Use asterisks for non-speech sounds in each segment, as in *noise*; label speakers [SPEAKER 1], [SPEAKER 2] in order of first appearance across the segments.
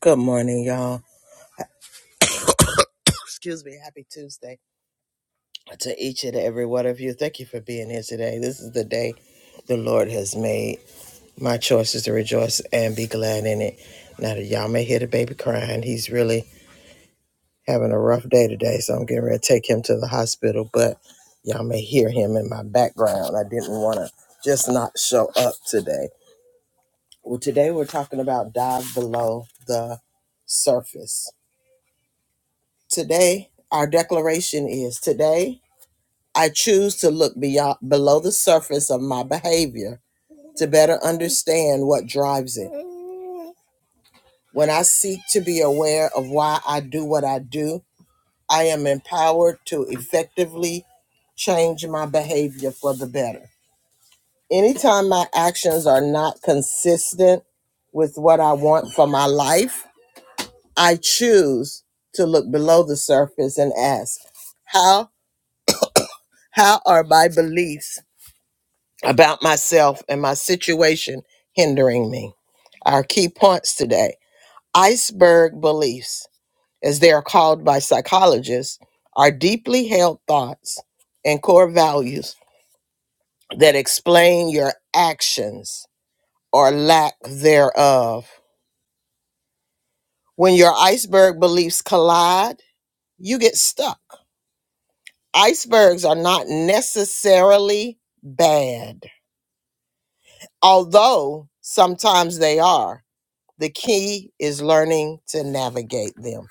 [SPEAKER 1] Good morning, y'all. Excuse me. Happy Tuesday to each and every one of you. Thank you for being here today. This is the day the Lord has made. My choice is to rejoice and be glad in it. Now that y'all may hear the baby crying, he's really having a rough day today, so I'm getting ready to take him to the hospital. But y'all may hear him in my background. I didn't want to just not show up today. Well, today we're talking about dive below the surface. Today, our declaration is today. I choose to look beyond below the surface of my behavior to better understand what drives it. When I seek to be aware of why I do what I do, I am empowered to effectively change my behavior for the better. Anytime my actions are not consistent with what I want for my life, I choose to look below the surface and ask, how how are my beliefs about myself and my situation hindering me. Our key points today iceberg beliefs, as they are called by psychologists, are deeply held thoughts and core values that explain your actions or lack thereof. When your iceberg beliefs collide, you get stuck. Icebergs are not necessarily bad, although sometimes they are. The key is learning to navigate them.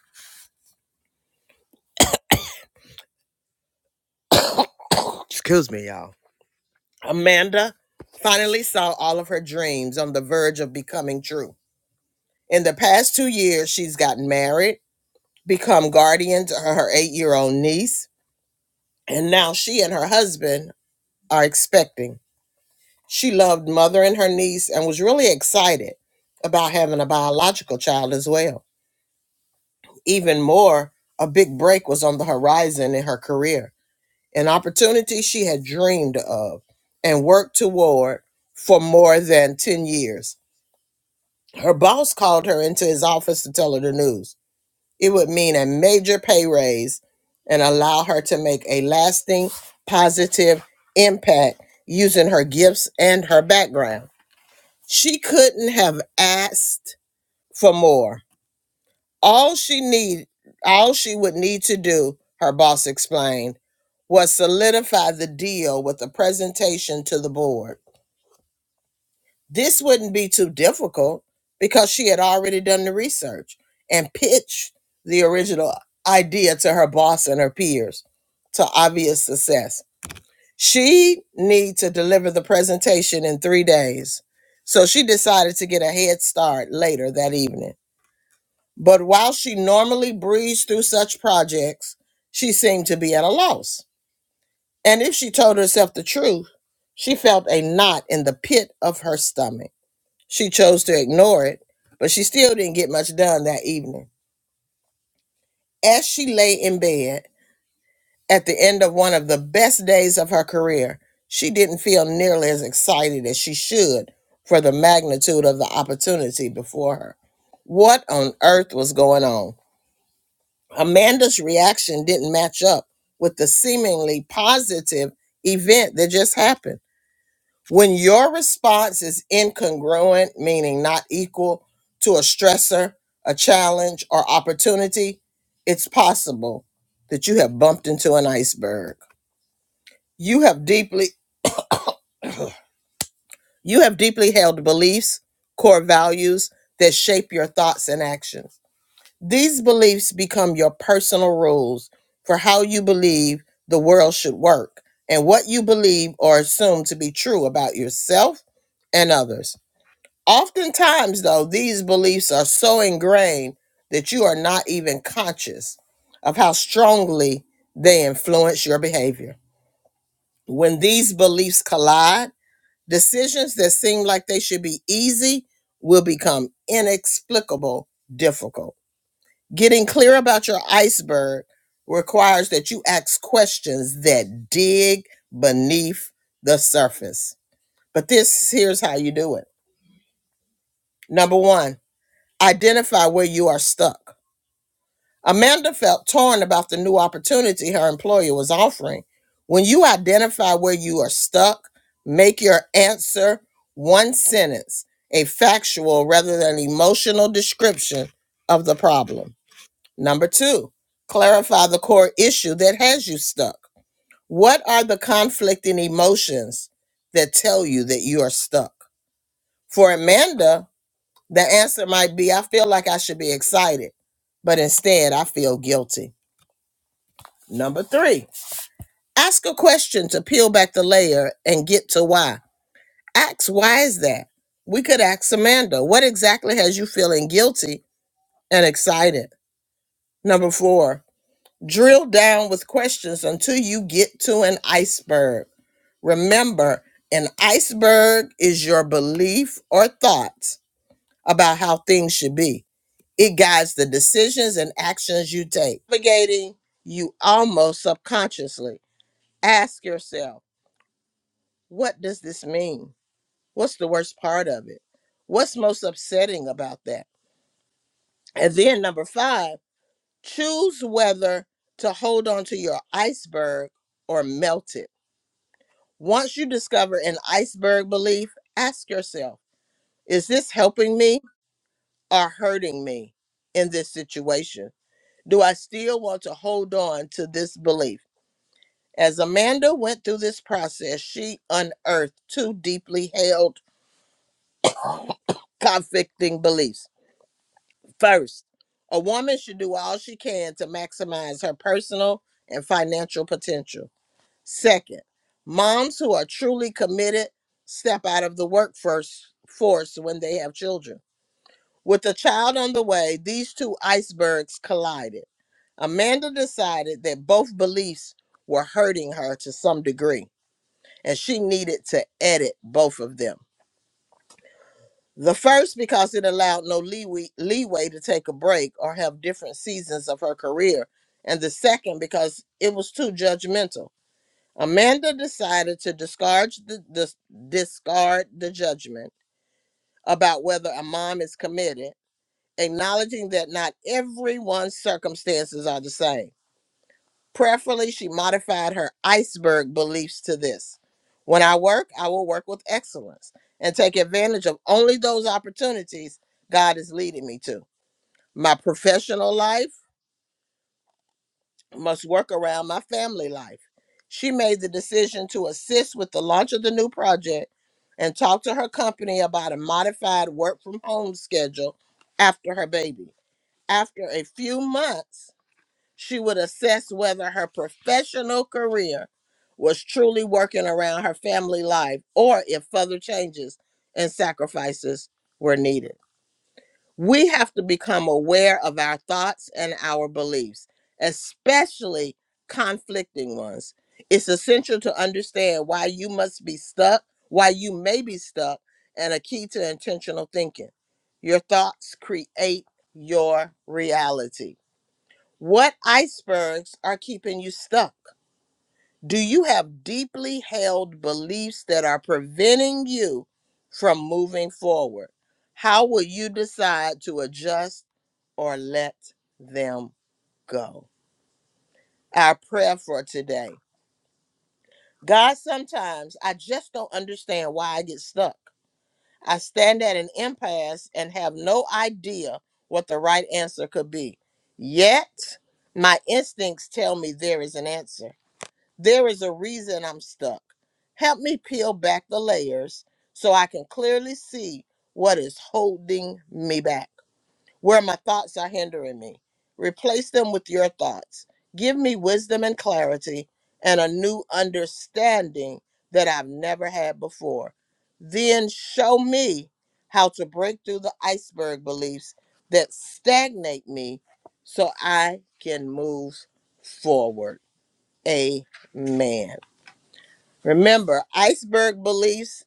[SPEAKER 1] Excuse me, y'all. Amanda finally saw all of her dreams on the verge of becoming true. In the past two years, she's gotten married, become guardian to her eight year old niece, and now she and her husband are expecting. She loved mothering her niece and was really excited about having a biological child as well. Even more, a big break was on the horizon in her career. an opportunity she had dreamed of and worked toward for more than 10 years. Her boss called her into his office to tell her the news. It would mean a major pay raise and allow her to make a lasting positive impact using her gifts and her background. She couldn't have asked for more. All she need, all she would need to do, her boss explained, was solidify the deal with a presentation to the board. This wouldn't be too difficult because she had already done the research and pitched the original idea to her boss and her peers to obvious success. She needed to deliver the presentation in 3 days. So she decided to get a head start later that evening. But while she normally breezed through such projects, she seemed to be at a loss. And if she told herself the truth, she felt a knot in the pit of her stomach. She chose to ignore it, but she still didn't get much done that evening. As she lay in bed at the end of one of the best days of her career, she didn't feel nearly as excited as she should for the magnitude of the opportunity before her. What on earth was going on? Amanda's reaction didn't match up with the seemingly positive event that just happened. When your response is incongruent, meaning not equal to a stressor, a challenge, or opportunity, it's possible that you have bumped into an iceberg. You have deeply *clears throat* you have deeply held beliefs, core values that shape your thoughts and actions. These beliefs become your personal rules for how you believe the world should work and what you believe or assume to be true about yourself and others. Oftentimes, though, these beliefs are so ingrained that you are not even conscious of how strongly they influence your behavior. When these beliefs collide, decisions that seem like they should be easy will become inexplicable difficult Getting clear about your iceberg requires that you ask questions that dig beneath the surface. But this here's how you do it. Number one, identify where you are stuck. Amanda felt torn about the new opportunity her employer was offering. When you identify where you are stuck, make your answer one sentence, a factual rather than emotional description of the problem. Number two, clarify the core issue that has you stuck. What are the conflicting emotions that tell you that you are stuck? For Amanda, the answer might be I feel like I should be excited, but instead I feel guilty. Number three, ask a question to peel back the layer and get to why. Ask why is that? We could ask Amanda, what exactly has you feeling guilty and excited? Number four, Drill down with questions until you get to an iceberg. Remember, an iceberg is your belief or thoughts about how things should be. It guides the decisions and actions you take. Navigating you almost subconsciously. Ask yourself, what does this mean? What's the worst part of it? What's most upsetting about that? And then number five, choose whether to hold on to your iceberg or melt it Once you discover an iceberg belief, ask yourself Is this helping me or hurting me in this situation? Do I still want to hold on to this belief? As Amanda went through this process, she unearthed two deeply held conflicting beliefs. First, a woman should do all she can to maximize her personal and financial potential. Second, moms who are truly committed step out of the workforce force when they have children. With a child on the way, these two icebergs collided. Amanda decided that both beliefs were hurting her to some degree, and she needed to edit both of them. The first, because it allowed no leeway, leeway to take a break or have different seasons of her career. And the second, because it was too judgmental. Amanda decided to discard the, dis- discard the judgment about whether a mom is committed, acknowledging that not everyone's circumstances are the same. Prayerfully, she modified her iceberg beliefs to this When I work, I will work with excellence and take advantage of only those opportunities God is leading me to. My professional life, must work around my family life. She made the decision to assist with the launch of the new project and talk to her company about a modified work from home schedule after her baby. After a few months, she would assess whether her professional career was truly working around her family life or if further changes and sacrifices were needed. We have to become aware of our thoughts and our beliefs, especially conflicting ones. It's essential to understand why you must be stuck, why you may be stuck, and a key to intentional thinking. Your thoughts create your reality. What icebergs are keeping you stuck? Do you have deeply held beliefs that are preventing you from moving forward? How will you decide to adjust or let them go? Our prayer for today God, sometimes I just don't understand why I get stuck. I stand at an impasse and have no idea what the right answer could be. Yet, my instincts tell me there is an answer. There is a reason I'm stuck. Help me peel back the layers so I can clearly see what is holding me back, where my thoughts are hindering me. Replace them with your thoughts. Give me wisdom and clarity and a new understanding that I've never had before. Then show me how to break through the iceberg beliefs that stagnate me so I can move forward. Amen. Remember, iceberg beliefs,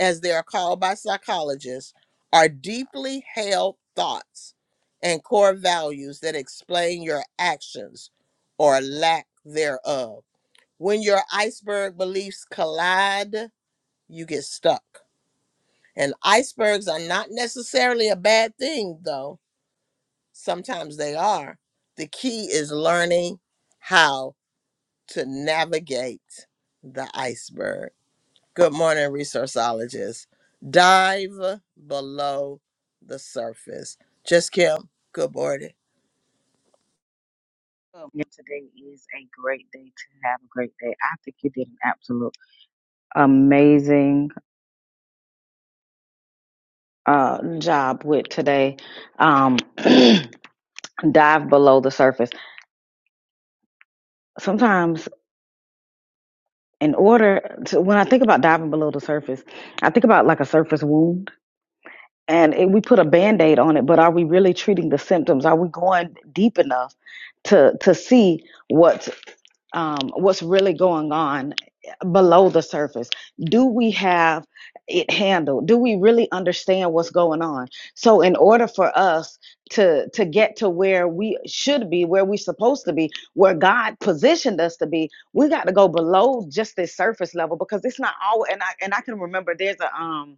[SPEAKER 1] as they are called by psychologists, are deeply held thoughts and core values that explain your actions or lack thereof. When your iceberg beliefs collide, you get stuck. And icebergs are not necessarily a bad thing, though. Sometimes they are. The key is learning how to navigate the iceberg. Good morning, resourceologists. Dive below the surface. Just Kim, good morning.
[SPEAKER 2] welcome. And today is a great day to have a great day. I think you did an absolute amazing uh, job with today. Um, *clears throat* dive below the surface. Sometimes, in order to, when I think about diving below the surface, I think about like a surface wound. And it, we put a band aid on it, but are we really treating the symptoms? Are we going deep enough to to see what? um, what's really going on below the surface. Do we have it handled? Do we really understand what's going on? So, in order for us to to get to where we should be, where we're supposed to be, where God positioned us to be, we got to go below just this surface level because it's not all. And I and I can remember there's a um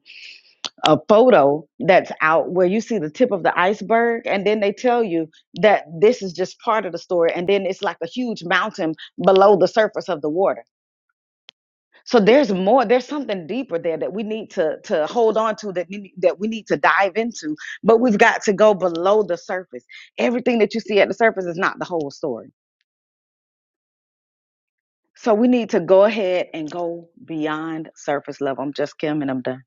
[SPEAKER 2] a photo that's out where you see the tip of the iceberg and then they tell you that this is just part of the story and then it's like a huge mountain below the surface of the water so there's more there's something deeper there that we need to to hold on to that we, that we need to dive into but we've got to go below the surface everything that you see at the surface is not the whole story so we need to go ahead and go beyond surface level i'm just kim and i'm done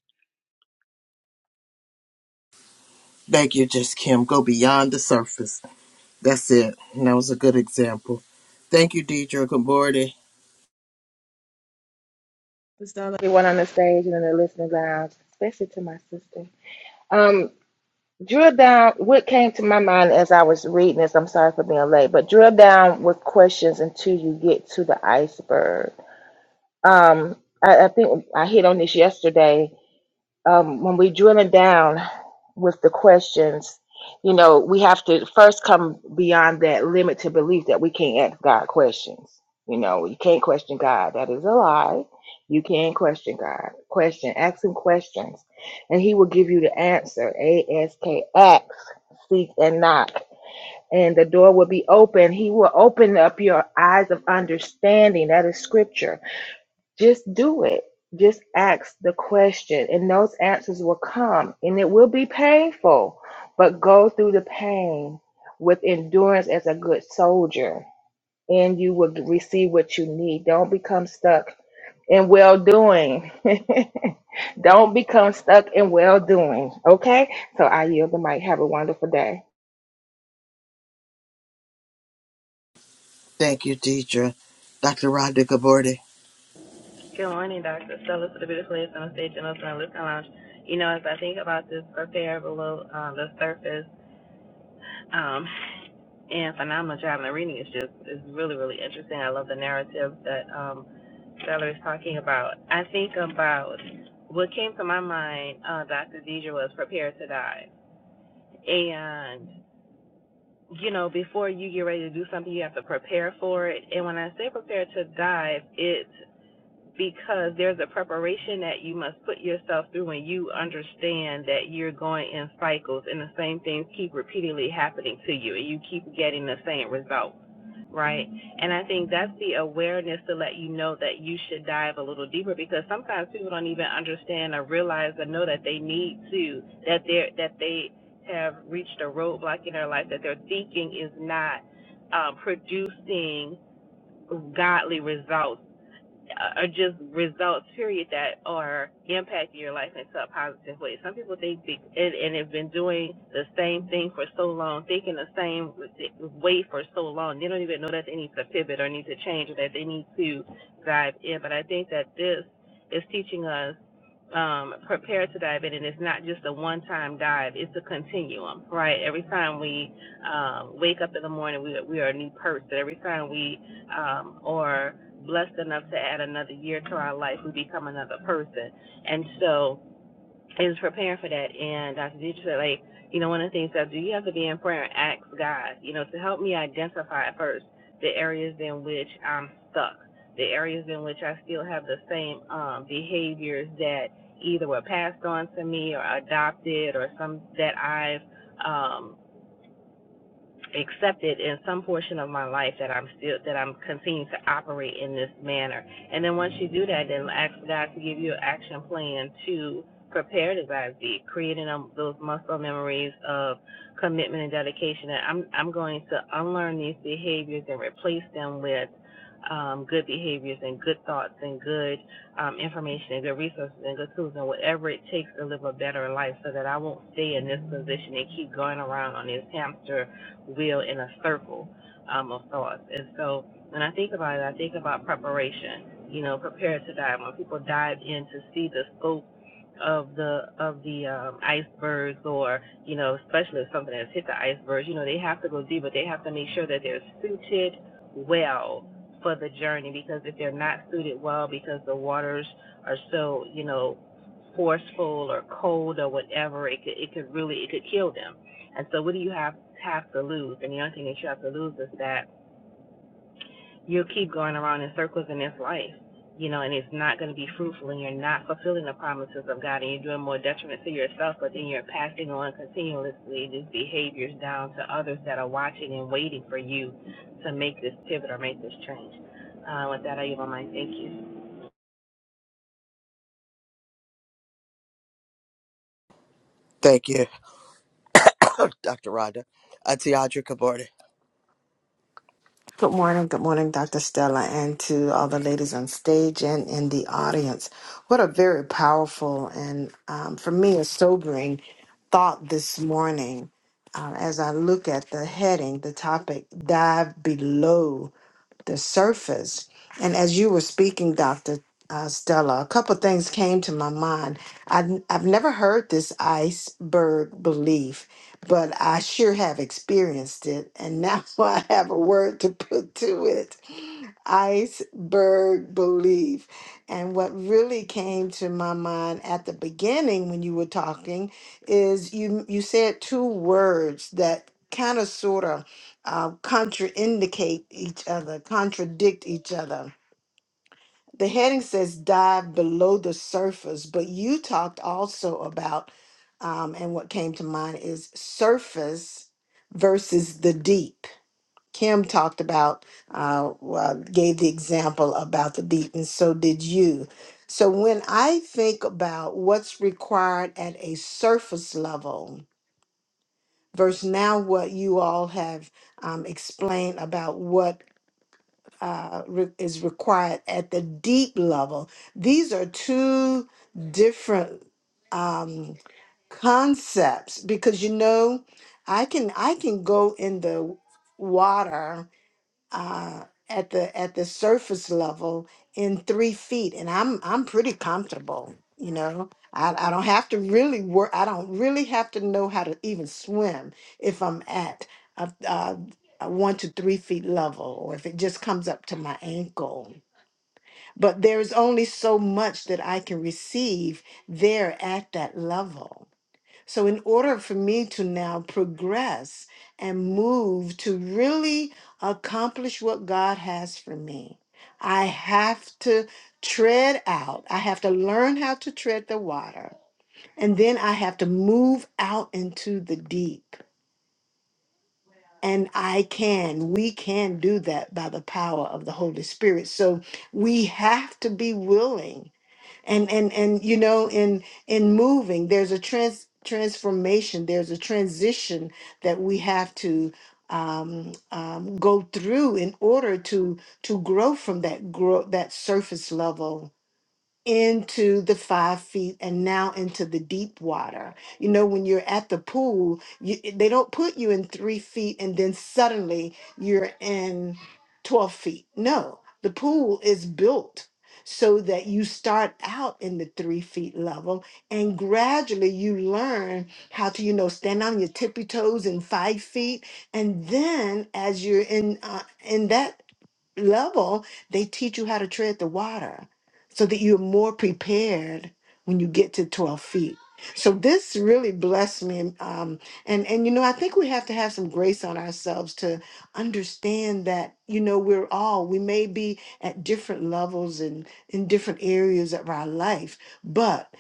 [SPEAKER 1] Thank you, Just Kim. Go beyond the surface. That's it. And that was a good example. Thank you, Deidre. Good morning.
[SPEAKER 3] It's down to everyone on the stage and in the listening lounge, especially to my sister. Um, drill down. What came to my mind as I was reading this? I'm sorry for being late, but drill down with questions until you get to the iceberg. Um, I, I think I hit on this yesterday. Um, when we drilling down, with the questions, you know, we have to first come beyond that limit to belief that we can't ask God questions. You know, you can't question God. That is a lie. You can't question God. Question, ask him questions, and he will give you the answer. A S K ask, seek and knock. And the door will be open. He will open up your eyes of understanding. That is scripture just do it. Just ask the question, and those answers will come. And it will be painful, but go through the pain with endurance as a good soldier, and you will receive what you need. Don't become stuck in well doing. *laughs* Don't become stuck in well doing. Okay? So I yield the mic. Have a wonderful day.
[SPEAKER 1] Thank you, Deidre. Dr. Rhonda, good morning.
[SPEAKER 4] Good morning, Dr. Stella to the beautiful ladies on the stage and us in the listening lounge. You know, as I think about this prepare below uh, the surface, um, and phenomenal job, and the reading is just is really really interesting. I love the narrative that um, Stella is talking about. I think about what came to my mind, uh, Dr. Deidre was prepare to die, and you know, before you get ready to do something, you have to prepare for it. And when I say prepare to die, it's because there's a preparation that you must put yourself through when you understand that you're going in cycles and the same things keep repeatedly happening to you and you keep getting the same results, right and i think that's the awareness to let you know that you should dive a little deeper because sometimes people don't even understand or realize or know that they need to that they're that they have reached a roadblock in their life that their thinking is not uh, producing godly results uh, are just results, period, that are impacting your life in some positive way. Some people think and, and have been doing the same thing for so long, thinking the same way for so long, they don't even know that they need to pivot or need to change or that they need to dive in. But I think that this is teaching us um, prepare to dive in, and it's not just a one-time dive; it's a continuum, right? Every time we um, wake up in the morning, we we are a new person. Every time we um, are blessed enough to add another year to our life. We become another person. And so is preparing for that. And Dr. Dietrich said, like, you know, one of the things that do you have to be in prayer and ask God, you know, to help me identify at first the areas in which I'm stuck, the areas in which I still have the same um, behaviors that either were passed on to me or adopted or some that I've um, accepted in some portion of my life that I'm still that I'm continuing to operate in this manner. And then once you do that, then ask God to give you an action plan to prepare this ISD, creating um, those muscle memories of commitment and dedication. And I'm I'm going to unlearn these behaviors and replace them with um, good behaviors and good thoughts and good um, information and good resources and good tools and whatever it takes to live a better life so that I won't stay in this position and keep going around on this hamster wheel in a circle um, of thoughts. And so when I think about it, I think about preparation. You know, prepare to dive. When people dive in to see the scope of the of the um, icebergs, or you know, especially if something has hit the icebergs, you know, they have to go deep, but they have to make sure that they're suited well for the journey. Because if they're not suited well, because the waters are so you know forceful or cold or whatever, it could it could really it could kill them and so, what do you have have to lose? And the only thing that you have to lose is that you'll keep going around in circles in this life, you know, and it's not going to be fruitful, and you're not fulfilling the promises of God, and you're doing more detriment to yourself, but then you're passing on continuously these behaviors down to others that are watching and waiting for you to make this pivot or make this change. Uh, with that, I give my mind. Thank you.
[SPEAKER 1] Thank you, *coughs* Dr. Rhonda. Auntie Audrey, good morning.
[SPEAKER 5] Good morning. Good morning, Dr. Stella, and to all the ladies on stage and in the audience. What a very powerful and, um, for me, a sobering thought this morning uh, as I look at the heading, the topic, Dive Below the surface. And as you were speaking, Dr. Uh, Stella, a couple things came to my mind. i I've never heard this iceberg belief, but I sure have experienced it. And now *laughs* I have a word to put to it iceberg belief. And what really came to my mind at the beginning when you were talking is you, you said two words that kind of sort of uh, contraindicate each other, contradict each other. The heading says dive below the surface, but you talked also about, um, and what came to mind is surface versus the deep. Kim talked about, uh, well, gave the example about the deep, and so did you. So when I think about what's required at a surface level versus now what you all have um, explained about what uh, re- is required at the deep level. These are two different um, concepts because you know, I can I can go in the water uh, at the at the surface level in three feet, and I'm I'm pretty comfortable. You know, I, I don't have to really work. I don't really have to know how to even swim if I'm at a, a, a one to three feet level, or if it just comes up to my ankle. But there is only so much that I can receive there at that level so, in order for me to now progress and move to really accomplish what God has for me, I have to tread out. I have to learn how to tread the water. And then I have to move out into the deep. And I can, we can do that by the power of the Holy Spirit. So, we have to be willing and and and you know in in moving there's a trans transformation there's a transition that we have to um, um, go through in order to to grow from that grow that surface level into the five feet and now into the deep water. You know, when you're at the pool, you, they don't put you in three feet and then suddenly you're in 12 feet. No, the pool is built so that you start out in the three feet level and gradually you learn how to, you know, stand on your tippy toes in five feet. And then as you're in, uh, in that level, they teach you how to tread the water so that you're more prepared when you get to 12 feet. So this really blessed me. And, Um, and, and, you know, I think we have to have some grace on ourselves to understand that, you know, we're all, we may be at different levels and in different areas of our life, but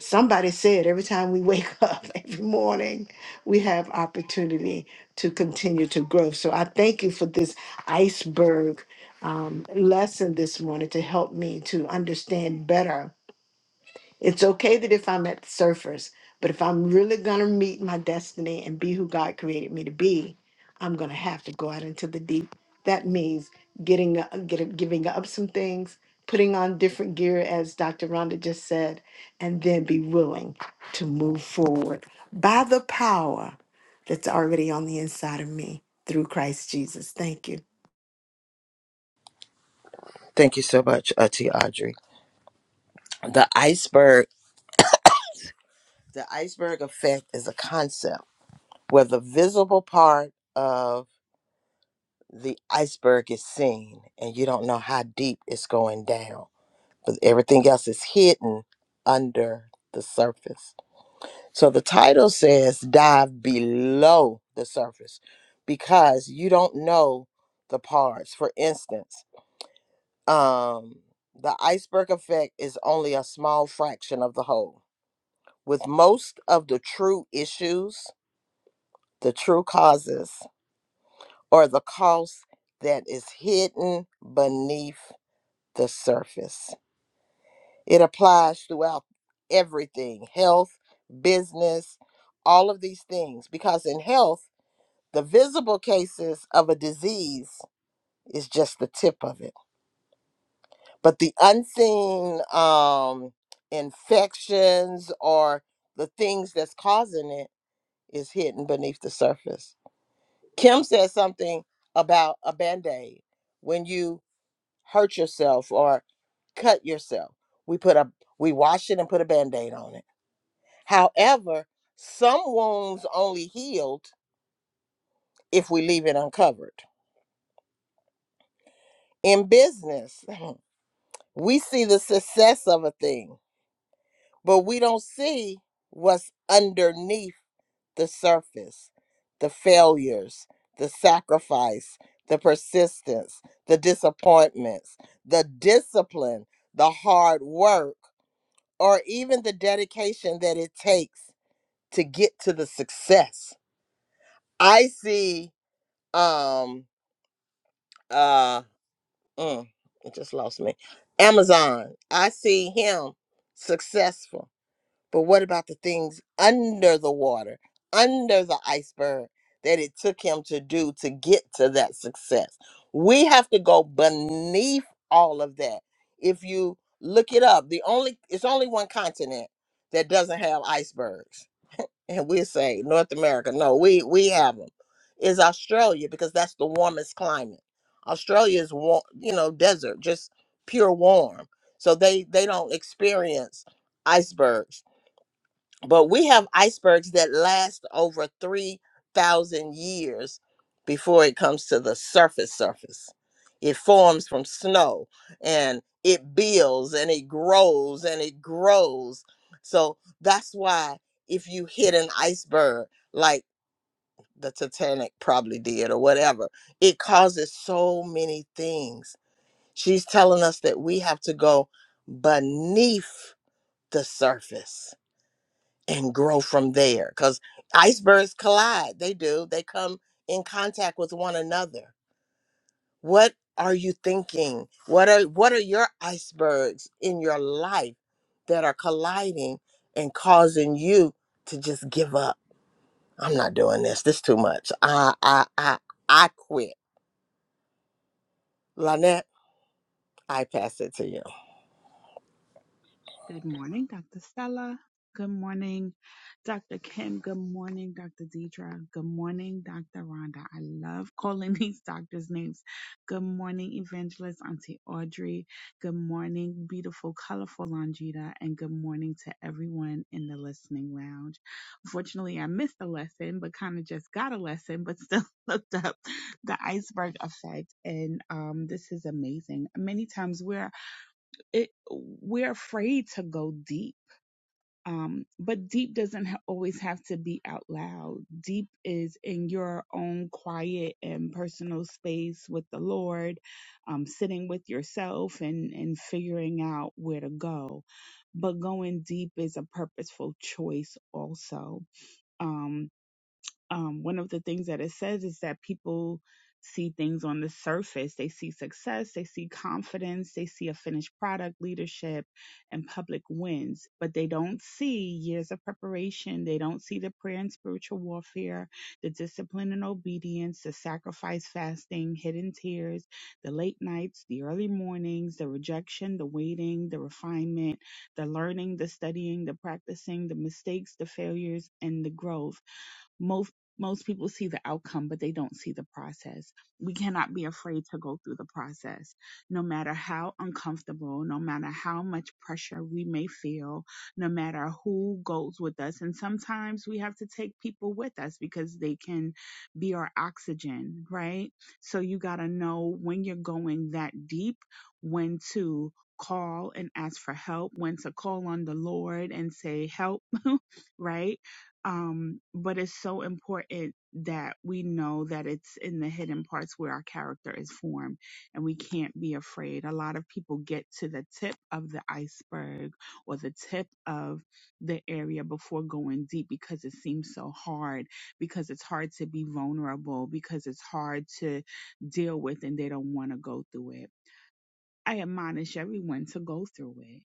[SPEAKER 5] somebody said every time we wake *laughs* up every morning, we have opportunity to continue to grow. So I thank you for this iceberg um, lesson this morning to help me to understand better. It's okay that if I'm at the surface, but if I'm really going to meet my destiny and be who God created me to be, I'm going to have to go out into the deep. That means getting, uh, getting giving up some things, putting on different gear, as Dr. Rhonda just said, and then be willing to move forward by the power that's already on the inside of me through Christ Jesus. Thank you.
[SPEAKER 1] Thank you so much, Auntie Audrey. The iceberg, the iceberg effect is a concept where the visible part of the iceberg is seen and you don't know how deep it's going down but everything else is hidden under the surface so the title says dive below the surface because you don't know the parts for instance um the iceberg effect is only a small fraction of the whole with most of the true issues the true causes or the cost that is hidden beneath the surface. It applies throughout everything health, business, all of these things. Because in health, the visible cases of a disease is just the tip of it. But the unseen um, infections or the things that's causing it is hidden beneath the surface. Kim said something about a band aid. When you hurt yourself or cut yourself. We put a we wash it and put a band-aid on it. However, some wounds only healed if we leave it uncovered. In business, we see the success of a thing, but we don't see what's underneath the surface. The failures, the sacrifice, the persistence, the disappointments, the discipline, the hard work. or even the dedication that it takes to get to the success. I see um uh mm, it just lost me. Amazon. I see him successful. But what about the things under the water, under the iceberg that it took him to do to get to that success? We have to go beneath all of that. If you look it up, the only it's only one continent that doesn't have icebergs and we say North America. No, we we have them. Is Australia because that's the warmest climate. Australia is warm, you know, desert, just pure warm. So they they don't experience icebergs but we have icebergs that last over 3000 years before it comes to the surface surface it forms from snow and it builds and it grows and it grows so that's why if you hit an iceberg like the titanic probably did or whatever it causes so many things she's telling us that we have to go beneath the surface and grow from there because icebergs collide they do they come in contact with one another what are you thinking what are what are your icebergs in your life that are colliding and causing you to just give up i'm not doing this this too much i i i i quit lynette i pass it to you
[SPEAKER 6] Good morning, Dr. Stella. Good morning, Dr. Kim. Good morning, Dr. Deidre. Good morning, Dr. Rhonda. I love calling *laughs* these doctors' names. Good morning, Evangelist Auntie Audrey. Good morning, beautiful, colorful Longita. And good morning to everyone in the listening lounge. Unfortunately, I missed the lesson, but kind of just got a lesson, but still *laughs* looked up the iceberg effect. And um, this is amazing. Many times we're it we're afraid to go deep um but deep doesn't ha- always have to be out loud deep is in your own quiet and personal space with the lord um sitting with yourself and and figuring out where to go but going deep is a purposeful choice also Um, um, one of the things that it says is that people see things on the surface. They see success, they see confidence, they see a finished product, leadership, and public wins, but they don't see years of preparation. They don't see the prayer and spiritual warfare, the discipline and obedience, the sacrifice, fasting, hidden tears, the late nights, the early mornings, the rejection, the waiting, the refinement, the learning, the studying, the practicing, the mistakes, the failures, and the growth most most people see the outcome but they don't see the process we cannot be afraid to go through the process no matter how uncomfortable no matter how much pressure we may feel no matter who goes with us and sometimes we have to take people with us because they can be our oxygen right so you got to know when you're going that deep when to call and ask for help when to call on the lord and say help right? Um, but it's so important that we know that it's in the hidden parts where our character is formed and we can't be afraid. A lot of people get to the tip of the iceberg or the tip of the area before going deep because it seems so hard, because it's hard to be vulnerable, because it's hard to deal with and they don't want to go through it. I admonish everyone to go through it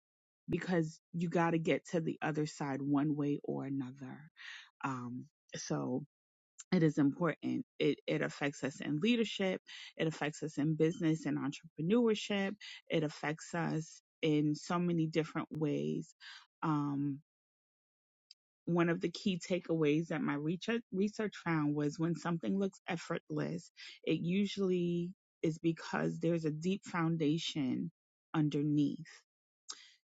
[SPEAKER 6] because you got to get to the other side one way or another. Um, so it is important. It, it affects us in leadership. It affects us in business and entrepreneurship. It affects us in so many different ways. Um, one of the key takeaways that my research, research found was when something looks effortless, it usually is because there's a deep foundation underneath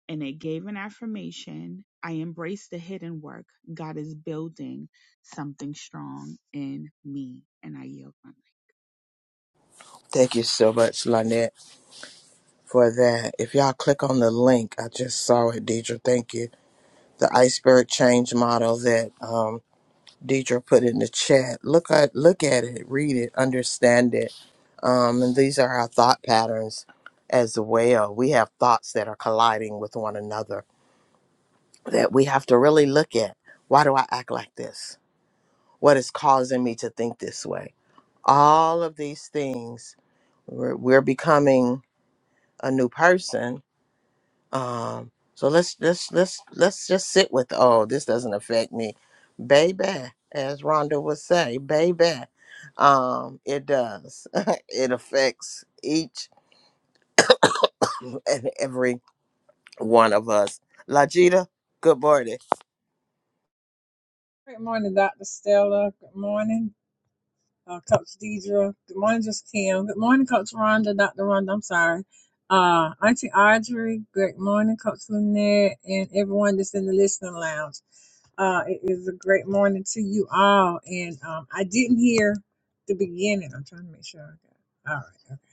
[SPEAKER 6] and it gave an affirmation. I embrace the hidden work. God is building something strong in me, and I yield. my
[SPEAKER 1] Thank you so much, Lynette. for that. If y'all click on the link, I just saw it, Deidre. Thank you. The iceberg change model that um, Deidre put in the chat. Look at look at it, read it, understand it. Um, and these are our thought patterns as well. We have thoughts that are colliding with one another that we have to really look at. Why do I act like this? What is causing me to think this way? All of these things, we're, we're becoming a new person Um, so let's let's let's let's just sit with oh, this doesn't affect me, baby. As Rhonda would say, baby, um, it does. *laughs* it affects each and every one of us. Lajita, good morning.
[SPEAKER 7] Good morning, Dr. Stella. Good morning, uh, Coach Deidre. Good morning, Just Kim. Good morning, Coach Rhonda, Dr. Rhonda. I'm sorry. Uh, Auntie Audrey. Good morning, Coach Lynette, and everyone that's in the listening lounge. Uh, it is a great morning to you all. And um, I didn't hear the beginning. I'm trying to make sure I got All right.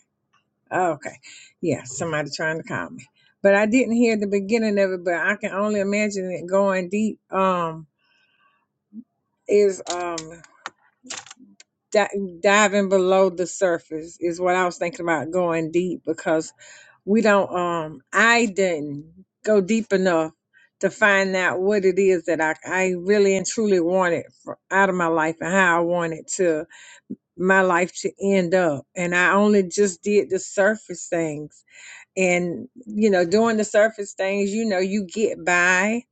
[SPEAKER 7] Okay. Okay. Yeah, somebody trying to call me. But I didn't hear the beginning of it, but I can only imagine it going deep. Um is um di- diving below the surface is what I was thinking about going deep because we don't um I didn't go deep enough to find out what it is that I, I really and truly wanted for, out of my life and how I wanted to my life to end up and I only just did the surface things and you know doing the surface things you know you get by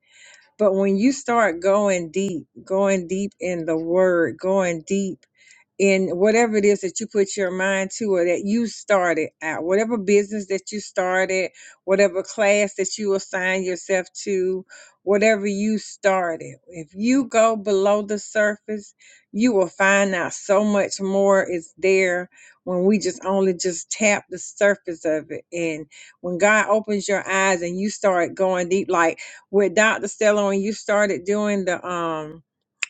[SPEAKER 7] but when you start going deep going deep in the word going deep in whatever it is that you put your mind to or that you started out, whatever business that you started, whatever class that you assign yourself to, whatever you started. If you go below the surface, you will find out so much more is there when we just only just tap the surface of it. And when God opens your eyes and you start going deep, like with Dr. Stella, when you started doing the um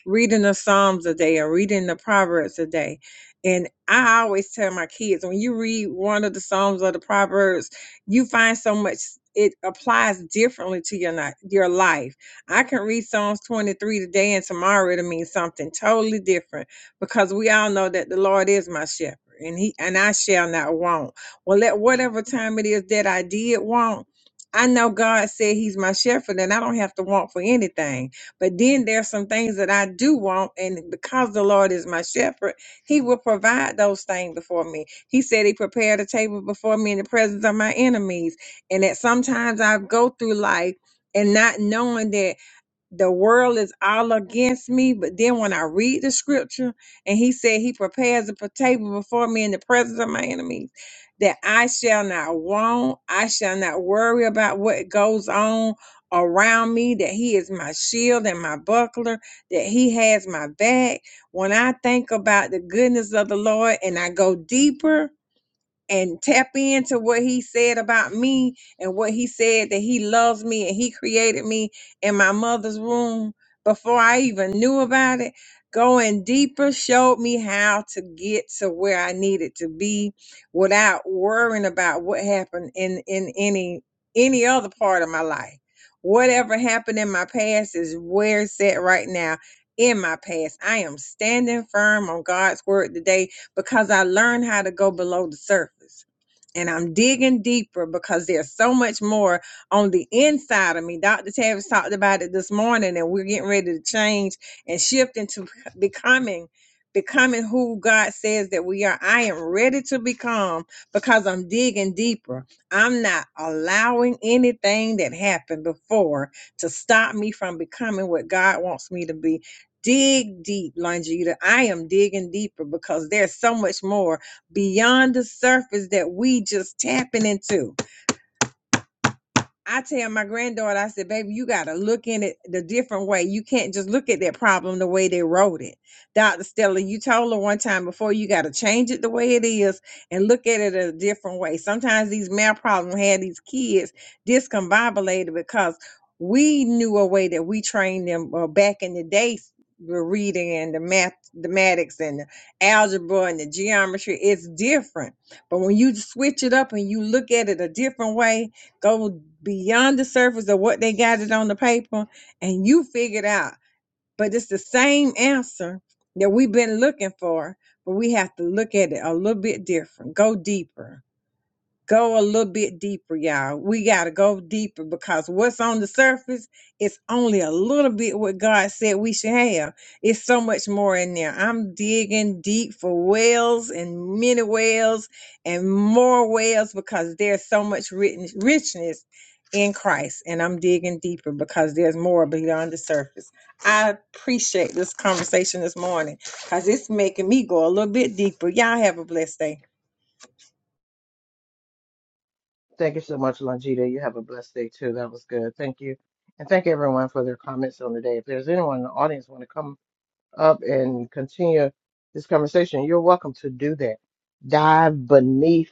[SPEAKER 7] reading the Psalms a day or reading the Proverbs a day. And I always tell my kids when you read one of the Psalms or the Proverbs, you find so much it applies differently to your ni- your life. I can read Psalms 23 today and tomorrow it'll mean something totally different because we all know that the Lord is my shepherd and he and I shall not want. Well, at whatever time it is that I did want, I know God said he's my shepherd and I don't have to want for anything. But then there's some things that I do want, and because the Lord is my shepherd, He will provide those things before me. He said He prepared a table before me in the presence of my enemies, and that sometimes I go through life and not knowing that the world is all against me. But then when I read the scripture and he said he prepares a table before me in the presence of my enemies, that I shall not want, I shall not worry about what goes on around me, that he is my shield and my buckler, that he has my back. When I think about the goodness of the Lord and I go deeper, and tap into what he said about me and what he said that he loves me and he created me in my mother's womb before I even knew about it. Going deeper showed me how to get to where I needed to be without worrying about what happened in, in any any other part of my life. Whatever happened in my past is where it's at right now in my past. I am standing firm on God's word today because I learned how to go below the surface. And I'm digging deeper because there's so much more on the inside of me. Dr. Tavis talked about it this morning, and we're getting ready to change and shift into becoming becoming who God says that we are. I am ready to become because I'm digging deeper. I'm not allowing anything that happened before to stop me from becoming what God wants me to be dig deep, Longita. I am digging deeper because there's so much more beyond the surface that we just tapping into. I tell my granddaughter, I said, baby, you got to look in it the different way. You can't just look at that problem the way they wrote it. Dr. Stella, you told her one time before, you got to change it the way it is and look at it a different way. Sometimes these math problems had these kids discombobulated because we knew a way that we trained them uh, back in the day. The reading and the mathematics and the algebra and the geometry, it's different. But when you switch it up and you look at it a different way, go beyond the surface of what they got it on the paper and you figured out but it's the same answer that we've been looking for but we have to look at it a little bit different go deeper Go a little bit deeper, y'all. We got to go deeper because what's on the surface is only a little bit what God said we should have. It's so much more in there. I'm digging deep for wells and many wells and more wells because there's so much written- richness in Christ. And I'm digging deeper because there's more beyond the surface. I appreciate this conversation this morning because it's making me go a little bit deeper. Y'all have a blessed day.
[SPEAKER 1] Thank you so much, Longita. You have a blessed day too. That was good. Thank you. And thank everyone for their comments on the day. If there's anyone in the audience want to come up and continue this conversation, you're welcome to do that. Dive beneath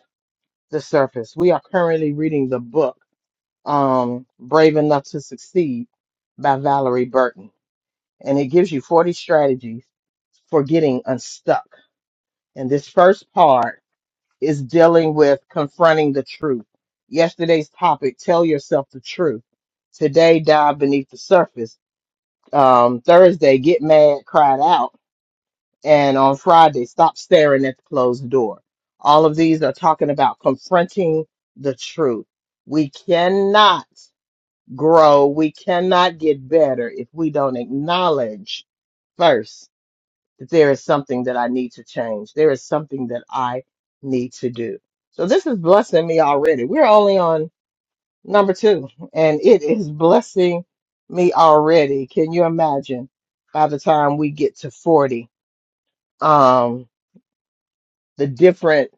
[SPEAKER 1] the surface. We are currently reading the book, um, Brave Enough to Succeed by Valerie Burton. And it gives you 40 strategies for getting unstuck. And this first part is dealing with confronting the truth. Yesterday's topic, tell yourself the truth. Today, dive beneath the surface. Um, Thursday, get mad, cried out and on Friday, stop staring at the closed door. All of these are talking about confronting the truth. We cannot grow, we cannot get better if we don't acknowledge first that there is something that I need to change. There is something that I need to do. So this is blessing me already. We're only on number two, and it is blessing me already. Can you imagine by the time we get to 40? Um. the difference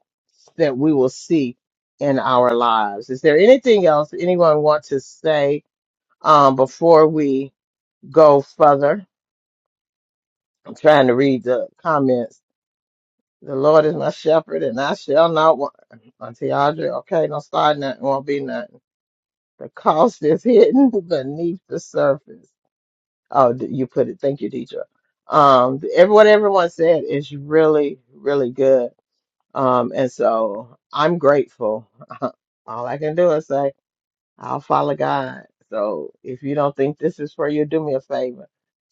[SPEAKER 1] that we will see in our lives. Is there anything else anyone want to say um, before we go further? I'm trying to read the comments. The Lord is my shepherd, and I shall not want. Auntie Audrey, okay, don't start nothing. Won't be nothing. The cost is hidden *laughs* beneath the surface. Oh, d- you put it. Thank you, Deidre. Um, every- what everyone said is really, really good Um, and so I'm grateful. *laughs* All I can do is say, I'll follow God. So if you don't think this is for you, do me a favor.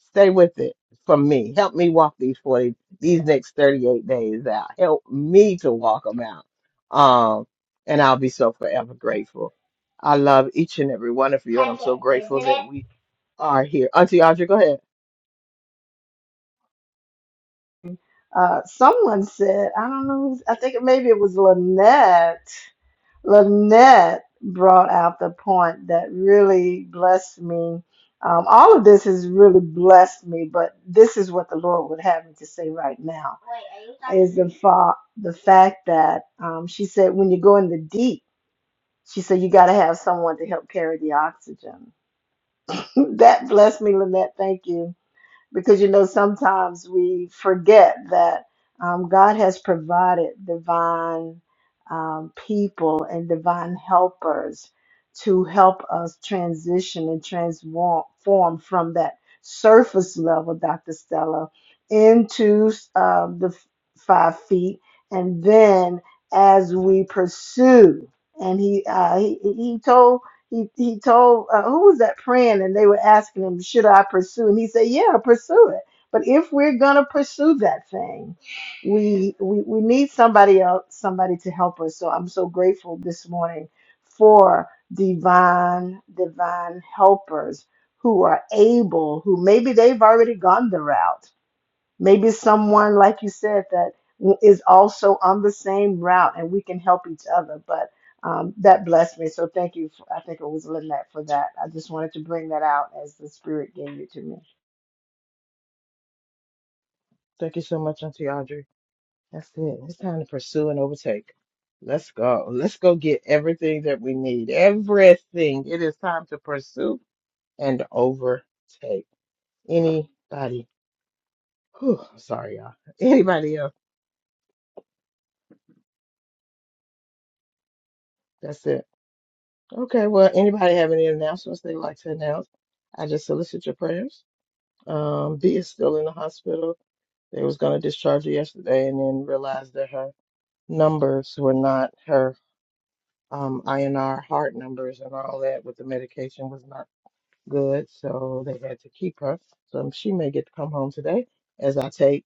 [SPEAKER 1] Stay with it for me. Help me walk these 40, these next 38 days out. Help me to walk them out. Um, and I'll be so forever grateful. I love each and every one of you, and I'm so grateful that we are here. Auntie Audrey, go ahead.
[SPEAKER 5] Uh, someone said, I don't know, who's- I think it- maybe it was Lynette. Lynette brought out the point that really blessed me. Um, all of this has really blessed me, but this is what the Lord would have me to say right now. Is the fa- the fact that um, she said when you go in the deep, she said you got to have someone to help carry the oxygen. *laughs* that blessed me, Lynette. Thank you because you know sometimes we forget that um, God has provided divine um, people and divine helpers to help us transition and transform from that surface level, Dr. Stella, into um, the f- five feet, and then as we pursue, and he uh, he, he told he he told uh, who was that praying, and they were asking him, "Should I pursue?" And he said, "Yeah, pursue it." But if we're gonna pursue that thing, we we, we need somebody else, somebody to help us. So I'm so grateful this morning for divine divine helpers who are able, who maybe they've already gone the route Maybe it's someone, like you said, that is also on the same route and we can help each other. But um, that blessed me. So thank you. For, I think it was Lynette for that. I just wanted to bring that out as the Spirit gave it to me.
[SPEAKER 1] Thank you so much, Auntie Audrey. That's it. It's time to pursue and overtake. Let's go. Let's go get everything that we need. Everything. It is time to pursue and overtake. Anybody? Whew, sorry, y'all. Anybody else? That's it. Okay. Well, anybody have any announcements they'd like to announce? I just solicit your prayers. Um, B is still in the hospital. They was gonna discharge her yesterday and then realized that her numbers were not her um INR heart numbers and all that with the medication was not good, so they had to keep her. So she may get to come home today as I take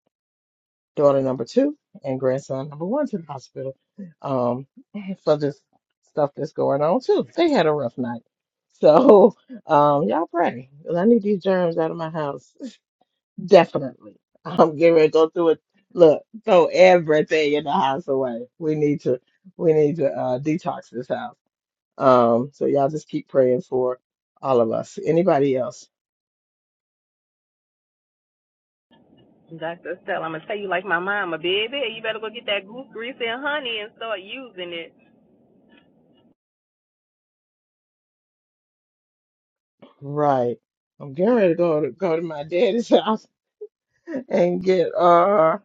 [SPEAKER 1] daughter number two and grandson number one to the hospital um, *laughs* for this stuff that's going on too. They had a rough night. *laughs* So um, y'all pray. 'cause I need these germs out of my house. *laughs* Definitely. I'm getting ready to go through it. Look, throw everything in the house away. We need to we need to uh, detox this house. Um, so y'all just keep praying for all of us. Anybody else?
[SPEAKER 4] Dr. Estelle, I'm going to tell you like my mama, baby, you better go get that goose grease and honey and start using it.
[SPEAKER 1] Right. I'm getting ready to go to go to my daddy's *laughs* house and get uh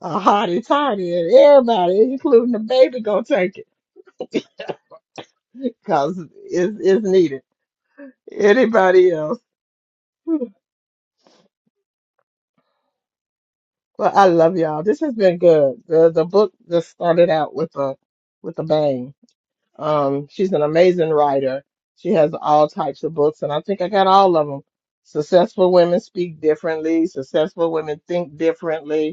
[SPEAKER 1] a hottie toddy and everybody, including the baby, gonna take it because it's, it's needed. Anybody else? Well, I love y'all. This has been good. The the book just started out with a with a bang. Um, she's an amazing writer. She has all types of books, and I think I got all of them. Successful women speak differently. Successful women think differently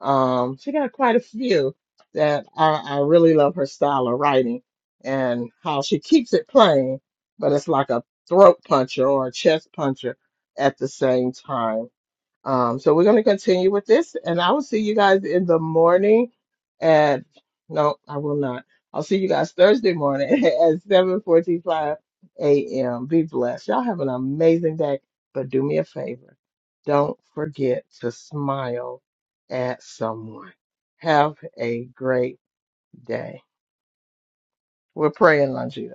[SPEAKER 1] Um, she got quite a few that I, I really love her style of writing and how she keeps it plain, but it's like a throat puncher or a chest puncher at the same time um, so we're going to continue with this, and I will see you guys in the morning at, no, I will not. I'll see you guys Thursday morning *laughs* at 7:45 a.m. Be blessed. Y'all have an amazing day, but do me a favor. Don't forget to smile at someone. Have a great day. We're praying, Longita.